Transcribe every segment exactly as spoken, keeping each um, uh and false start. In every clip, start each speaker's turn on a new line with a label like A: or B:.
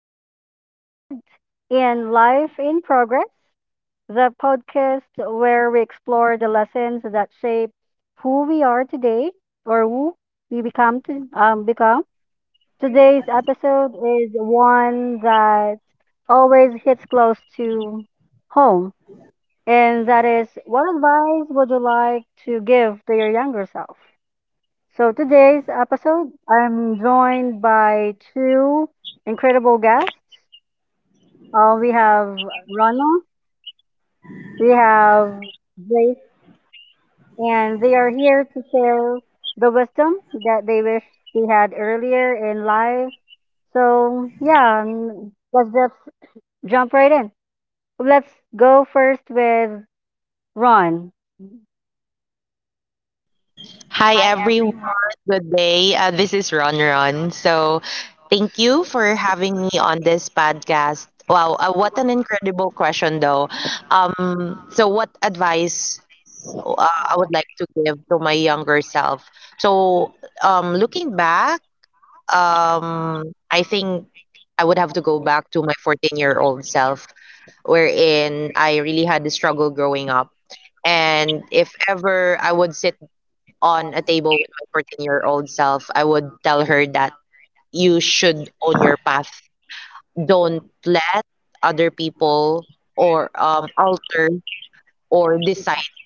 A: our new episode in Life in Progress, the podcast where we explore the lessons that shape who we are today or who we become to um, become. Today's episode is one that always hits close to home, and
B: And that
A: that is,
B: is
A: what advice would you like to give to your younger self?
B: for
A: So
B: today's
A: today's episode, I'm joined by two incredible
B: yeah.
A: guests.
B: Uh,
A: Uh,
B: we
A: we
B: have
A: have Rana, we
B: we have
A: have Grace,
B: and
A: and they
B: we
A: are
B: are
A: here to share the wisdom that they wish they had earlier in life. So yeah, um, let's just jump right in. Let's go first with Ron.
C: Hi
B: Hi, everyone.
C: everyone, good day. Uh, this is Ron Ron. So, thank you for having me on this podcast. Wow, uh, what an incredible question, though. Um, so, what advice uh, I would like to give to my younger self? So, um, Looking back,
B: Uh, uh,
C: um, I think I would have to go back to my fourteen year old self, wherein I really had a struggle growing up. And if ever I would sit on a table with my fourteen year old self, I would tell her that you should own your path. Don't let other people or um, alter or decide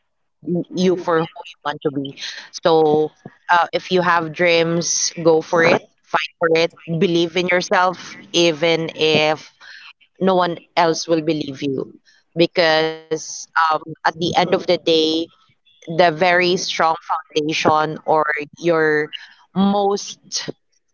C: y- you for who you want to be. So uh, if you have dreams, go for it, fight for it, believe in yourself, even if no one else will believe you. Because um, at the end of the day, the very strong foundation or your most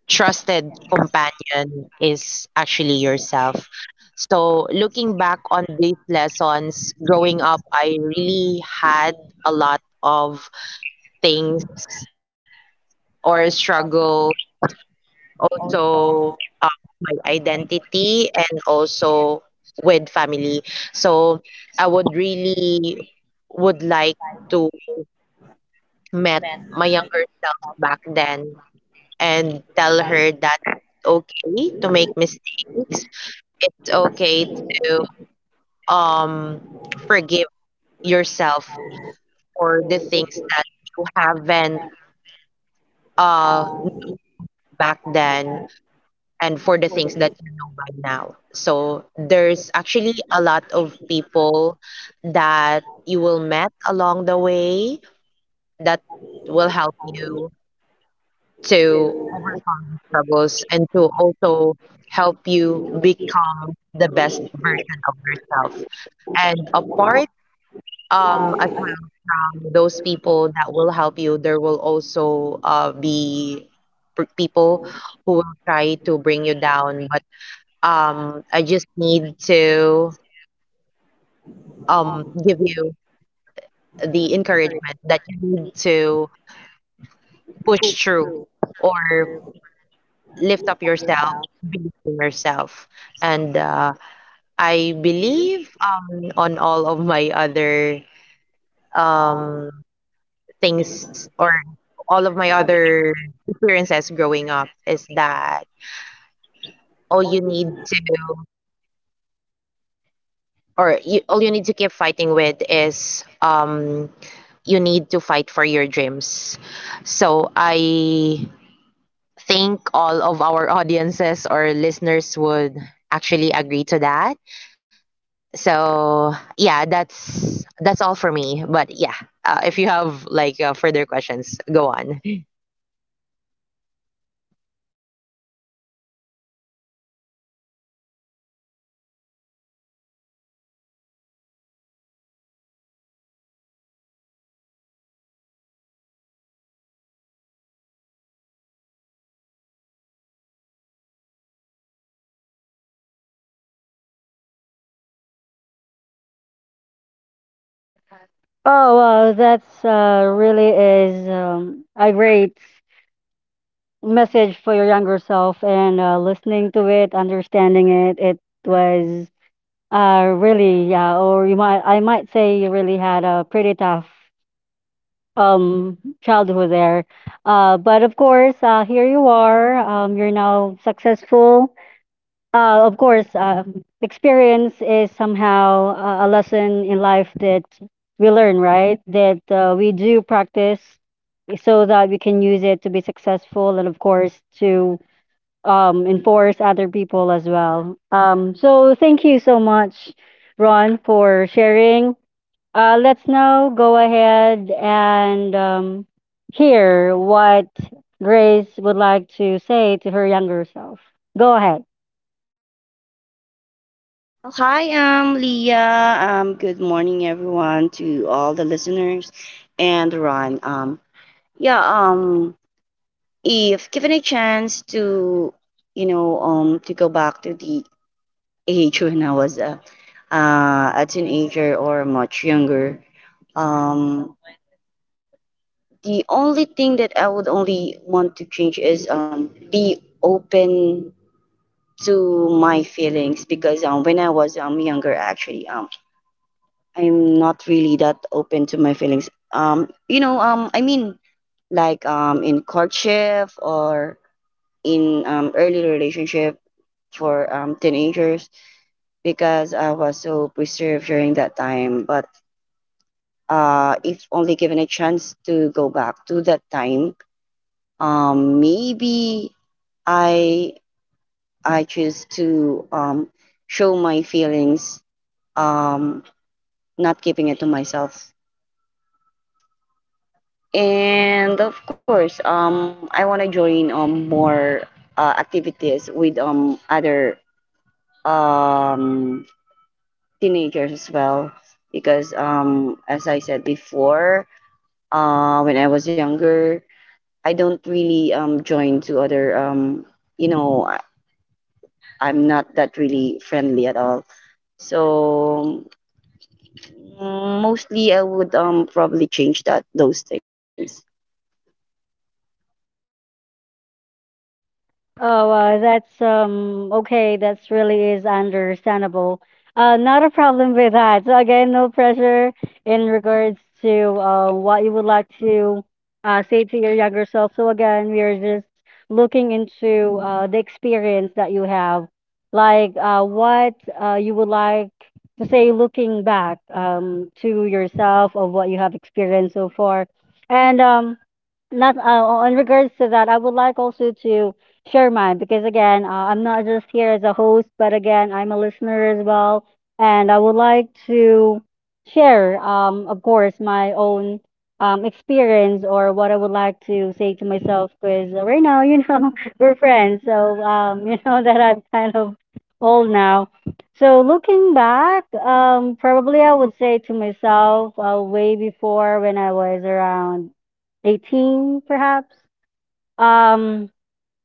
C: trusted companion is actually yourself. So, looking back on these lessons, growing up, I really had a lot of things or
B: born several
C: struggles,
B: also
C: also uh, with my
B: I guess
C: identity and also with family. So, I would really would like
B: I
C: to met
B: met
C: my
B: my
C: younger self back then and tell
B: self
C: her that it's okay to make mistakes. It's okay to um forgive yourself for the things that you haven't uh known back then and for the things that you know by now. So there's actually a lot of people that you will met along the way that will help you to overcome these struggles and to also help you become the best version of yourself. And apart um, as well from those people that will help you, there will also uh, be p- people who will try to bring you down. But um, I just need to um, give you the encouragement that you need to push through or lift up yourself, believe in yourself. And uh, I believe um, on all of my other um, things or all of my other experiences growing up is that all you need to or you, all you need to keep fighting with is um, you need to fight for your dreams. So I think all of our audiences or listeners would actually agree to that. So yeah, that's that's all for me. But yeah, uh, if you have like uh, further questions go on.
A: Oh, wow, that's uh, really is um, a great message for your younger self, and uh, listening to it, understanding it. It was uh really, yeah, or you might I might say you really had a pretty tough um childhood there. Uh, but of course, uh, here you are. Um, you're now successful. Uh, of course, uh, experience is somehow uh, a lesson in life that we learn, right? That uh, we do practice so that we can use it to be successful, and of course to um, enforce other people as well. Um, so thank you so much, Ron, for sharing. Uh, let's now go ahead and um, hear what Grace would like to say to her younger self. Go ahead.
C: Hi, I'm Leah. Um, good morning, everyone, to all the listeners, and Ron. Um, yeah. Um, if given a chance to, you know, um, to go back to the age when I was a, uh, a teenager or much younger, um, The only thing that I would only want to change is um, be open to my feelings because um, when I was um, younger, actually, um, I'm not really that open to my feelings. Um, you know, um, I mean, like um, in courtship or in um, early relationship for um, teenagers because I was so preserved during that time. But uh, if only given a chance to go back to that time, um, maybe I I choose to um, show my feelings, um, not keeping it to myself. And of course, um, I want to join um, more uh, activities with um, other um, teenagers as well, because um, as I said before, uh, when I was younger, I don't really um, join to other. Um, you know, I, I'm not that really friendly at all. So mm, mostly I would um probably change that those things.
A: Oh, uh, that's um okay. That's really is understandable. Uh, not a problem with that. So again, no pressure in regards to uh, what you would like to uh, say to your younger self. So again, we are just looking into uh, the experience that you have, like uh, what uh, you would like to say looking back um, to yourself of what you have experienced so far, and um not uh, in regards to that, I would like also to share mine because again, uh, I'm not just here as a host, but again, I'm a listener as well, and I would like to share, um, of course, my own um experience or what I would like to say to myself. Because right now, you know, we're friends, so um, you know that I'm kind of old now. So looking back, um, probably I would say to myself, uh, way before when I was around eighteen, perhaps. Um,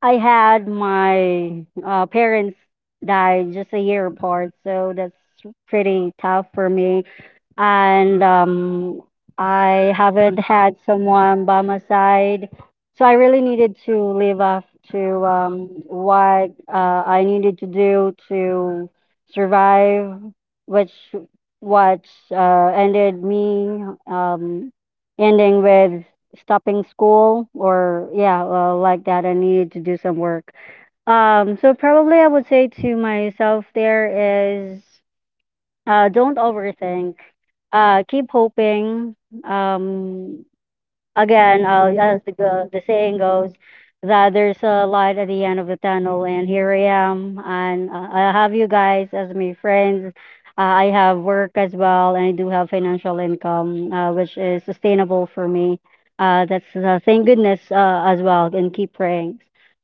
A: I had my uh, parents died just a year apart, so that's pretty tough for me, and um, I haven't had someone by my side. So I really needed to live up to um, what uh, I needed to do to survive, which what uh, ended me um, ending with stopping school, or yeah, uh, like that. I needed to do some work. Um so probably I would say to myself, there is uh don't overthink, uh, keep hoping. Um, again, uh, as the go- the saying goes, that there's a light at the end of the tunnel, and here I am, and uh, I have you guys as my friends. Uh, I have work as well, and I do have financial income, uh, which is sustainable for me. Uh, that's uh, thank goodness uh, as well, and keep praying.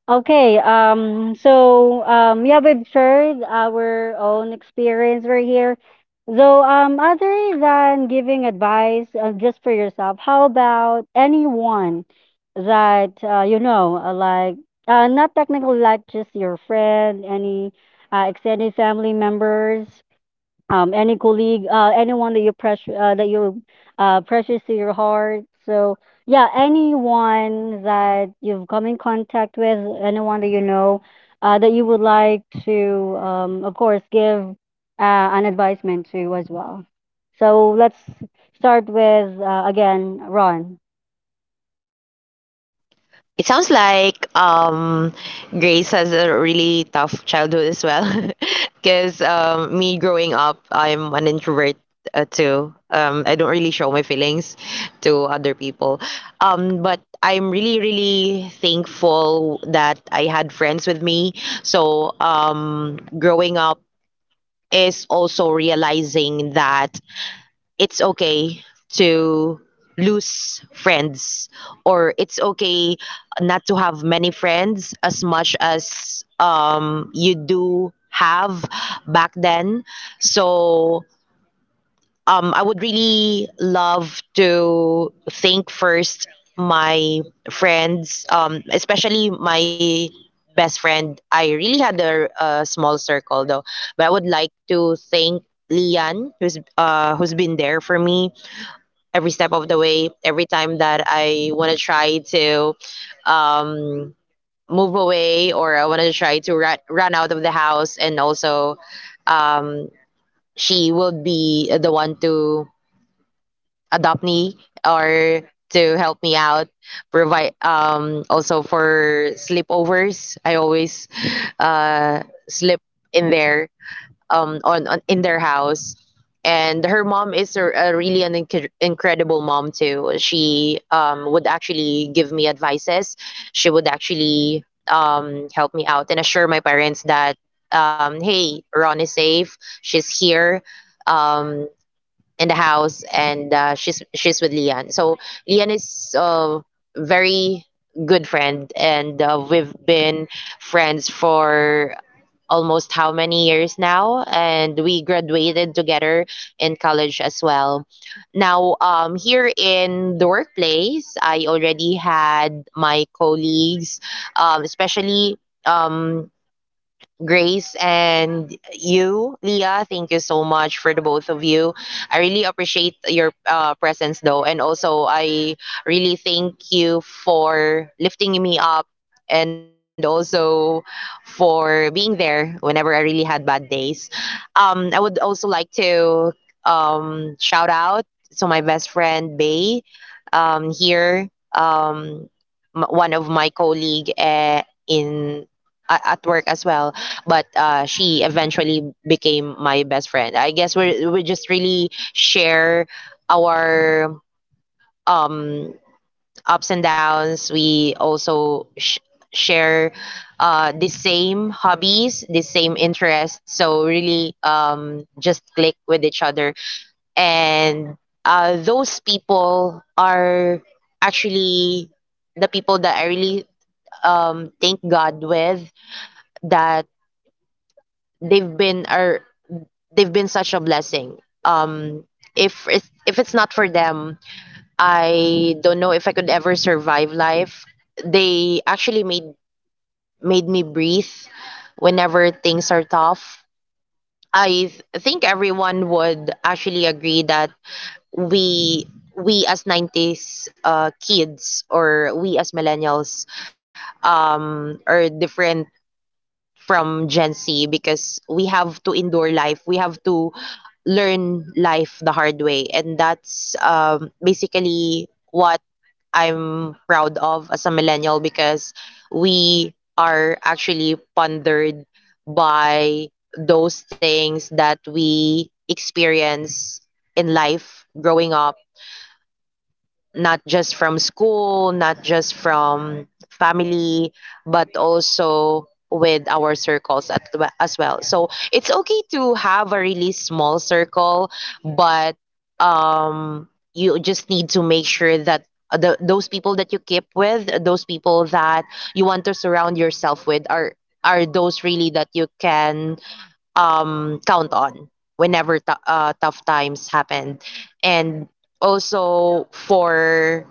A: Okay, um, so um, yeah, we've shared our own experience right here. So, um, other than giving advice uh, just for yourself, how about anyone that uh, you know, uh, like uh, not technically like just your friend, any uh, extended family members? um, any colleague, uh, anyone that you pressure uh, that you uh, precious to your heart. So yeah, anyone that you've come in contact with, anyone that you know uh, that you would like to, um, of course, give uh, an advisement to as well. So let's start with uh, again, Ron.
C: It sounds like um, Grace has a really tough childhood as well. Because um, me growing up, I'm an introvert uh, too. Um, I don't really show my feelings to other people. Um, but I'm really, really thankful that I had friends with me. So um, growing up, is also realizing that it's okay to lose friends or it's okay not to have many friends as much as um, you do have back then. So um, I would really love to thank first my friends, um, especially my best friend. I really had a, a small circle, though, but I would like to thank Lian, who's uh, who's been there for me every step of the way, every time that I want to try to um, move away or I want to try to run, run out of the house, and also um, she will be the one to adopt me or to help me out, provide um, also for sleepovers. I always uh, slip in there um on, on in their house. And her mom is a, a really an inc- incredible mom too. She um would actually give me advices. She would actually um help me out and assure my parents that um hey, Ron is safe, she's here um in the house, and uh, she's she's with Lian. So Lian is a very good friend, and uh, we've been friends for almost how many years now, and we graduated together in college as well. Now um here in the workplace I already had my colleagues, um especially um Grace and you, Leah. Thank you so much for the both of you. I really appreciate your uh, presence, though, and also I really thank you for lifting me up, and also for being there whenever I really had bad days. Um, I would also like to um, shout out to my best friend Bay um, here, um, m- one of my colleague uh, in a- at work as well, but uh, she eventually became my best friend. I guess we we just really share our um ups and downs. We also sh- share uh the same hobbies, the same interests, so really um just click with each other. And uh, those people are actually the people that I really um, thank God with, that they've been are they've been such a blessing. Um, if it's, if it's not for them, I don't know if I could ever survive life. They actually made made me breathe whenever things are tough. I th- think everyone would actually agree that we we as nineties uh, kids, or we as millennials, um, are different from Gen Z, because we have to endure life. We have to learn life the hard way. And that's um, basically what I'm proud of as a millennial, because we are actually pondered by those things that we experience in life growing up, not just from school, not just from family, but also with our circles at, the- as well. So it's okay to have a really small circle, but um, you just need to make sure that the, those people that you keep with, those people that you want to surround yourself with, are are those really that you can um, count on whenever t- uh, tough times happened, and also for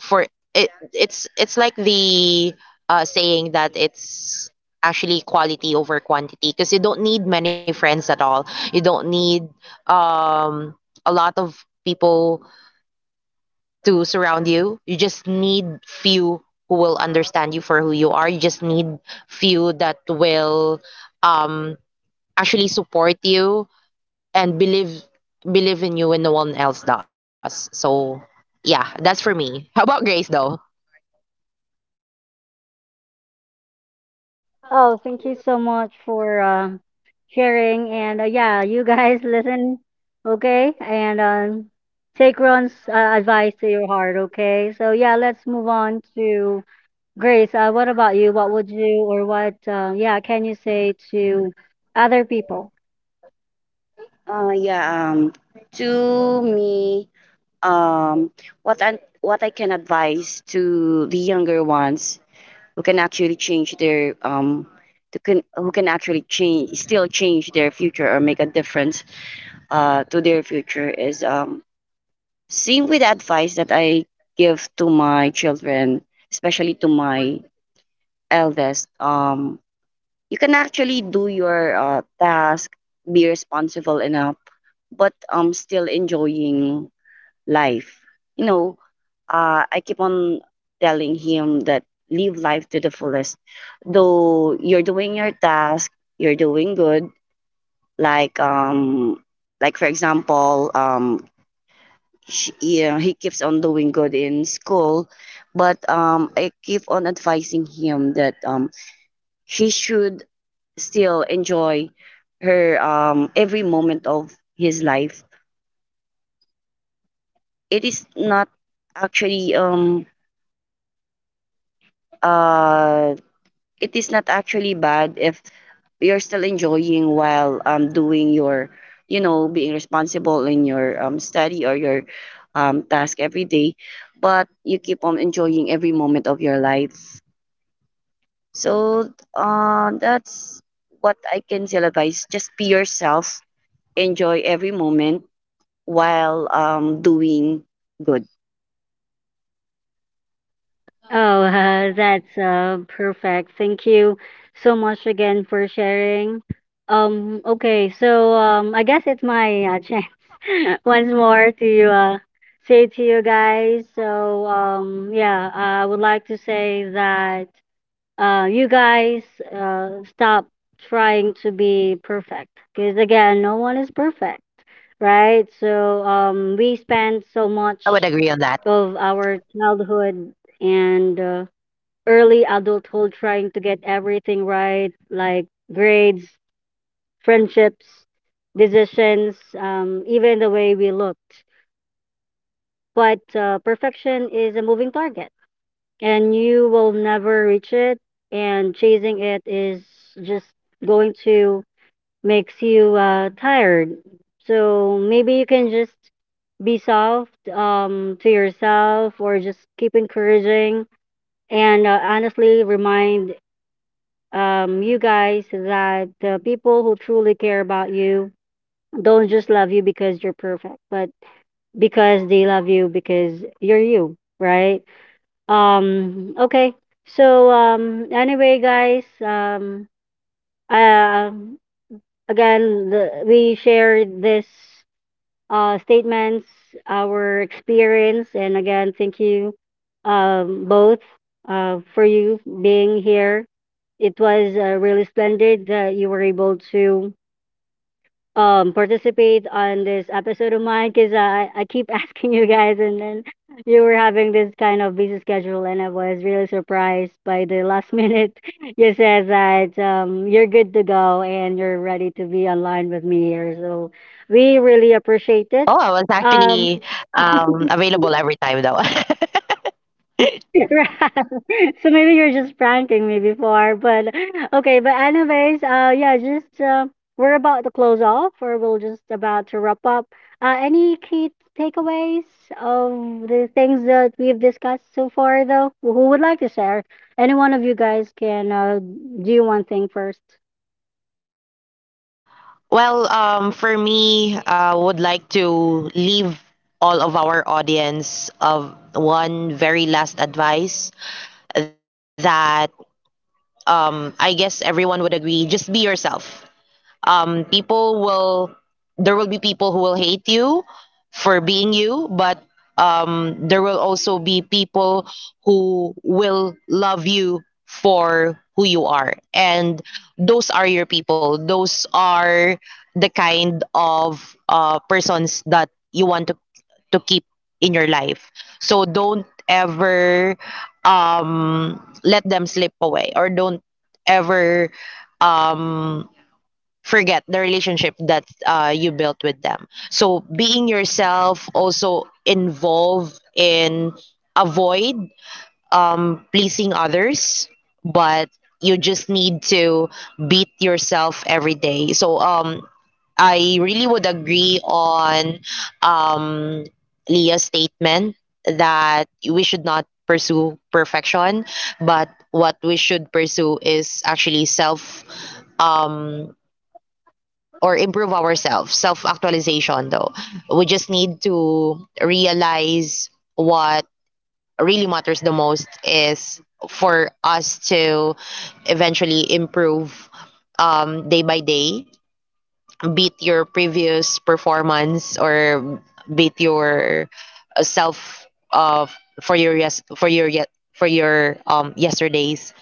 C: for it, it's it's like the uh, saying that it's actually quality over quantity, because you don't need many friends at all. You don't need um, a lot of people to surround you. You just need few who will understand you for who you are. You just need few that will um, actually support you and believe believe in you when no one else does. So yeah, that's for me. How about Grace though?
A: Oh, thank you so much for um, sharing. And uh, yeah, you guys listen, okay? And um, take Ron's uh, advice to your heart, okay? So yeah, let's move on to Grace. Uh, what about you? What would you, or what, uh, yeah, can you say to other people?
C: Uh, yeah. Um, to me, um, what I what I can advise to the younger ones who can actually change their um, to can who can actually change still change their future or make a difference uh to their future is um same with the advice that I give to my children, especially to my eldest. Um, You can actually do your, uh, task, be responsible enough, but, um, still enjoying life. You know, uh, I keep on telling him that live life to the fullest. Though you're doing your task, you're doing good. Like um, like for example, um, she, yeah, he keeps on doing good in school, but um, I keep on advising him that um, he should still enjoy her um, every moment of his life. It is not actually um uh it is not actually bad if you're still enjoying while um doing your, you know, being responsible in your um study or your um task every day, but you keep on enjoying every moment of your life. So uh, that's what I can still advise. Just be yourself. Enjoy every moment while um, doing good.
A: Oh, uh, that's uh, perfect. Thank you so much again for sharing. Um, okay, so um, I guess it's my uh, chance once more to uh, say to you guys. So um, yeah, I would like to say that uh, you guys uh, stop trying to be perfect because again, no one is perfect, right? So um, we spend so
C: I would
A: much
C: agree on that.
A: of our childhood and uh, early adulthood trying to get everything right, like grades, friendships, decisions, um, even the way we looked. But uh, perfection is a moving target, and you will never reach it. And chasing it is just going to makes you uh, tired. So maybe you can just be soft, um, to yourself, or just keep encouraging, and uh, honestly remind um, you guys that the people who truly care about you don't just love you because you're perfect, but because they love you because you're you, right? Um, okay. So um, anyway, guys, um, uh, again, the, we shared this uh, statements, our experience, and again, thank you um, both uh, for you being here. It was uh, really splendid that you were able to um participate on this episode of mine because I, I keep asking you guys, and then you were having this kind of busy schedule, and I was really surprised by the last minute you said that um you're good to go and you're ready to be online with me here. So we really appreciate it.
C: Oh, I was
A: Um
C: actually um, available every time though.
A: Right. So maybe you're just pranking me before, but okay. But anyways, uh, yeah, just uh, we're about to close off, or we'll just about to wrap up. Uh, any key takeaways of the things that we've discussed so far, though? Who would like to share? Any one of you guys can uh, do one thing first.
C: Well, um, for me, I would like to leave all of our audience of one very last advice that um, I guess everyone would agree. Just be yourself. um, people will there will be people who will hate you for being you, but um, there will also be people who will love you for who you are, and those are your people. Those are the kind of uh, persons that you want to to keep in your life. So don't ever um, let them slip away, or don't ever forget the relationship that uh, you built with them. So being yourself also involve in avoid um, pleasing others, but you just need to beat yourself every day. So um, I really would agree on um, Leah's statement that we should not pursue perfection, but what we should pursue is actually self. Um, or improve ourselves, self actualization. Though we just need to realize what really matters the most is for us to eventually improve, um, day by day, beat your previous performance or beat your uh, self of, for your yes, for your yet, for your um yesterday's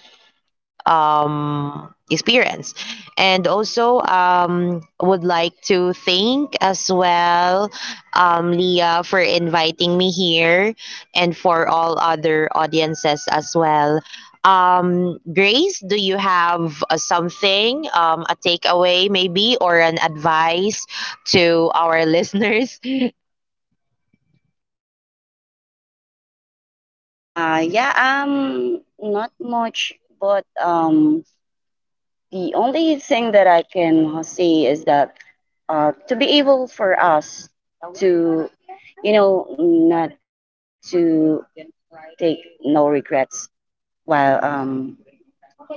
C: um, experience. And also, um, would like to thank as well, um, Leah for inviting me here and for all other audiences as well. Um, Grace, do you have uh, something, um, a takeaway maybe, or an advice to our listeners? Uh, yeah, um, not much, but um, the only thing that I can uh, say is that uh, to be able for us to, you know, not to take no regrets while um,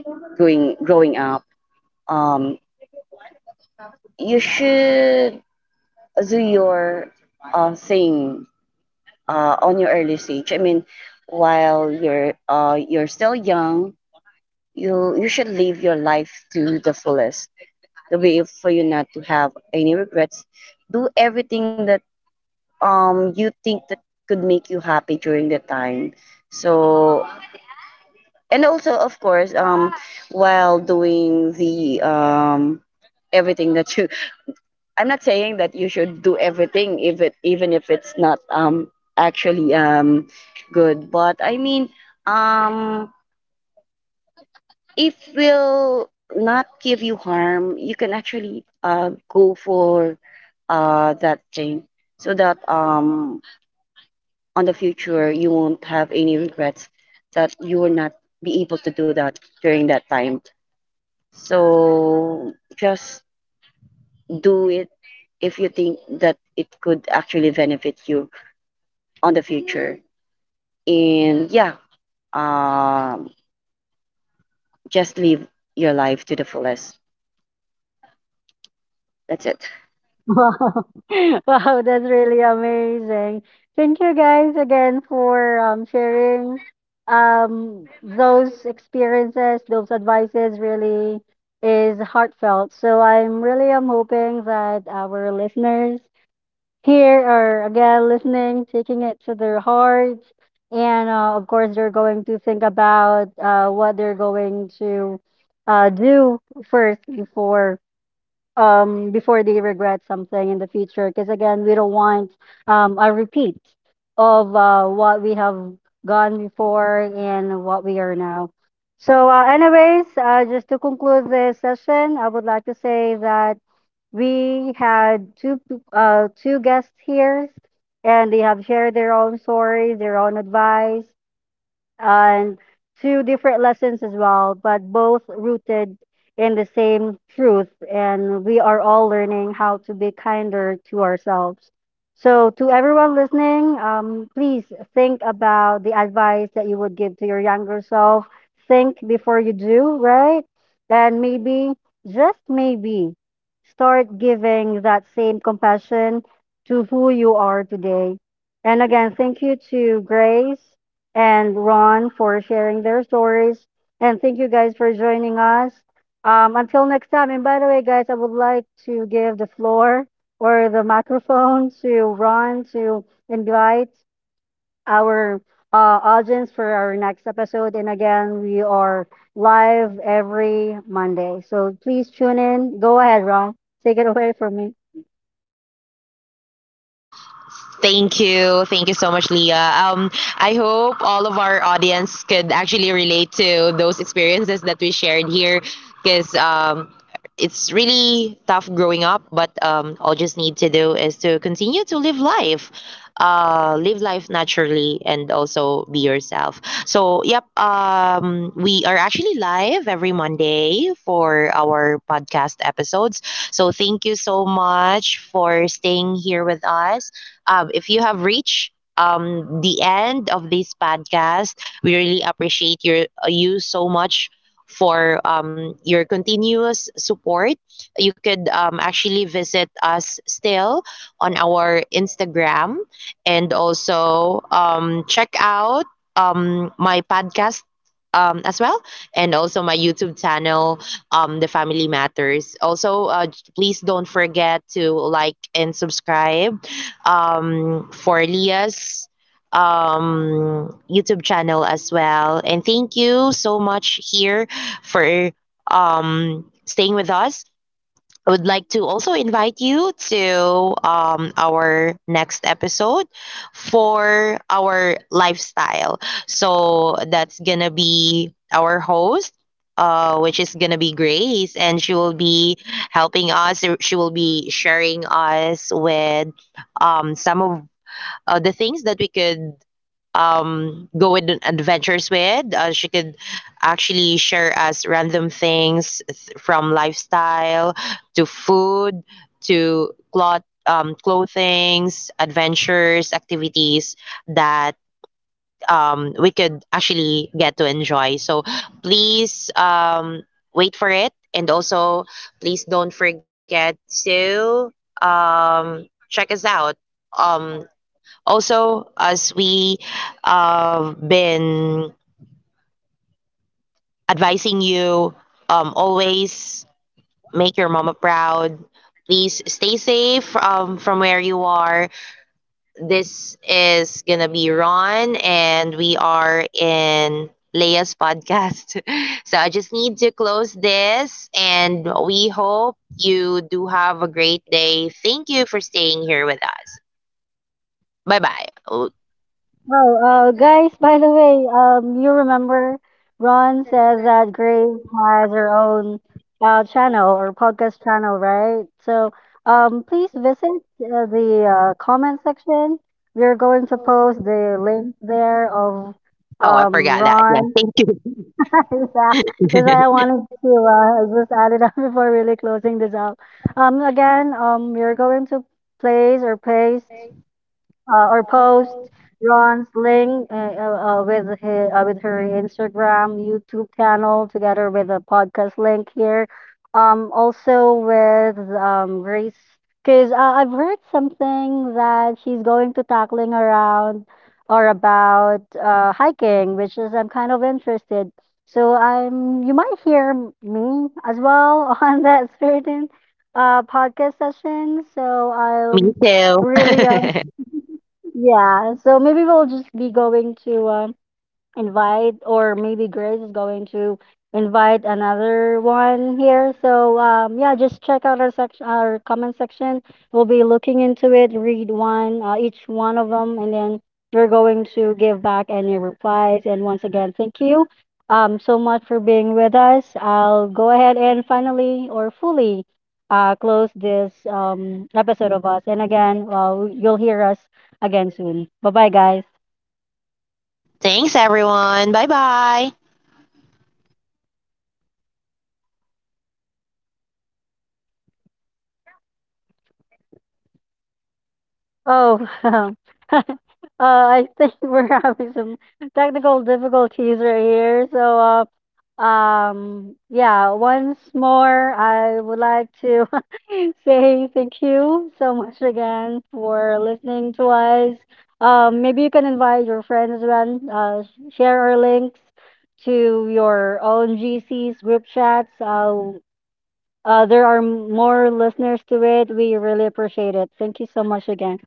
C: going growing up. Um, you should do your uh, thing uh, on your early stage. I mean, while you're uh, you're still young, you you should live your life to the fullest, the way for you not to have any regrets. Do everything that um you think that could make you happy during the time. So, and also of course, um while doing the um everything that you, I'm not saying that you should do everything if it even if it's not um actually um good, but I mean, um if will not give you harm, you can actually uh, go for uh, that thing so that um, on the future you won't have any regrets that you will not be able to do that during that time. So just do it if you think that it could actually benefit you on the future. And yeah, um, just live your life to the fullest. That's it.
A: Wow. Wow, that's really amazing. Thank you guys again for um, sharing um, those experiences, those advices really is heartfelt. So I'm really am hoping that our listeners here are again listening, taking it to their hearts, and uh, of course they're going to think about uh, what they're going to uh, do first before um before they regret something in the future, because again we don't want um a repeat of uh what we have gone before and what we are now. So uh, anyways, uh, just to conclude this session, I would like to say that we had two p- uh two guests here, and they have shared their own stories, their own advice, and two different lessons as well, but both rooted in the same truth. And we are all learning how to be kinder to ourselves. So, to everyone listening, um, please think about the advice that you would give to your younger self. Think before you do, right? And maybe, just maybe, start giving that same compassion to who you are today. And again, thank you to Grace and Ron for sharing their stories. And thank you guys for joining us. Um, until next time. And by the way, guys, I would like to give the floor or the microphone to Ron to invite our uh, audience for our next episode. And again, we are live every Monday. So please tune in. Go ahead, Ron. Take it away from me.
C: Thank you. Thank you so much, Leah. Um, I hope all of our audience could actually relate to those experiences that we shared here, because um, it's really tough growing up, but um, all just need to do is to continue to live life, uh, live life naturally, and also be yourself. So, yep, um, we are actually live every Monday for our podcast episodes. So, thank you so much for staying here with us. Um, if you have reached um the end of this podcast, we really appreciate your uh, you so much for um, your continuous support. You could um, actually visit us still on our Instagram, and also um, check out um, my podcast um, as well, and also my YouTube channel, um, the family matters. Also uh, j- please don't forget to like and subscribe um, for Leah's um, YouTube channel as well. And thank you so much here for um, staying with us. I would like to also invite you to um, our next episode for our lifestyle. So that's gonna be our host. Uh, which is gonna be Grace, and she will be helping us. She will be sharing us with um, some of uh, the things that we could um, go on adventures with. Uh, she could actually share us random things th- from lifestyle to food to cloth, um, clothings, adventures, activities that um, we could actually get to enjoy. So please um, wait for it. And also, please don't forget to um, check us out, um, also, as we uh, been advising you, um, always make your mama proud. Please stay safe um, from where you are. This is gonna be Ron, and we are in Leia's podcast. So I just need to close this, and we hope you do have a great day. Thank you for staying here with us. Bye bye. Oh,
A: Oh, uh, guys, by the way, um, you remember Ron said that Grace has her own uh, channel or podcast channel, right? So, um, please visit uh, the uh, comment section. We're going to post the link there of
C: oh, I
A: um,
C: forgot that. Yeah,
A: Ron.
C: thank you.
A: Yeah, that's why I wanted to uh, just add it up before really closing this up. Um, again, um, we're going to place or paste uh, or post Ron's link uh, uh, uh, with his, uh, with her Instagram, YouTube channel, together with a podcast link here. Um, also with um, Grace, because uh, I've heard something that she's going to tackling around or about uh, hiking, which is I'm kind of interested. So I'm you might hear m- me as well on that certain uh, podcast session. So
C: Me
A: I'm
C: too.
A: really uh, yeah, so maybe we'll just be going to um, invite or maybe Grace is going to invite another one here. So um, yeah, just check out our section, our comment section. We'll be looking into it, read one, uh, each one of them, and then we're going to give back any replies. And once again, thank you um, so much for being with us. I'll go ahead and finally or fully uh, close this um, episode of us. And again, uh, you'll hear us again soon. Bye bye, guys.
C: Thanks, everyone. Bye bye.
A: Oh, um, uh, I think we're having some technical difficulties right here. So, uh, um, yeah, once more, I would like to say thank you so much again for listening to us. Um, maybe you can invite your friends when uh, sh- share our links to your own G C's group chats. Uh, uh, there are more listeners to it. We really appreciate it. Thank you so much again.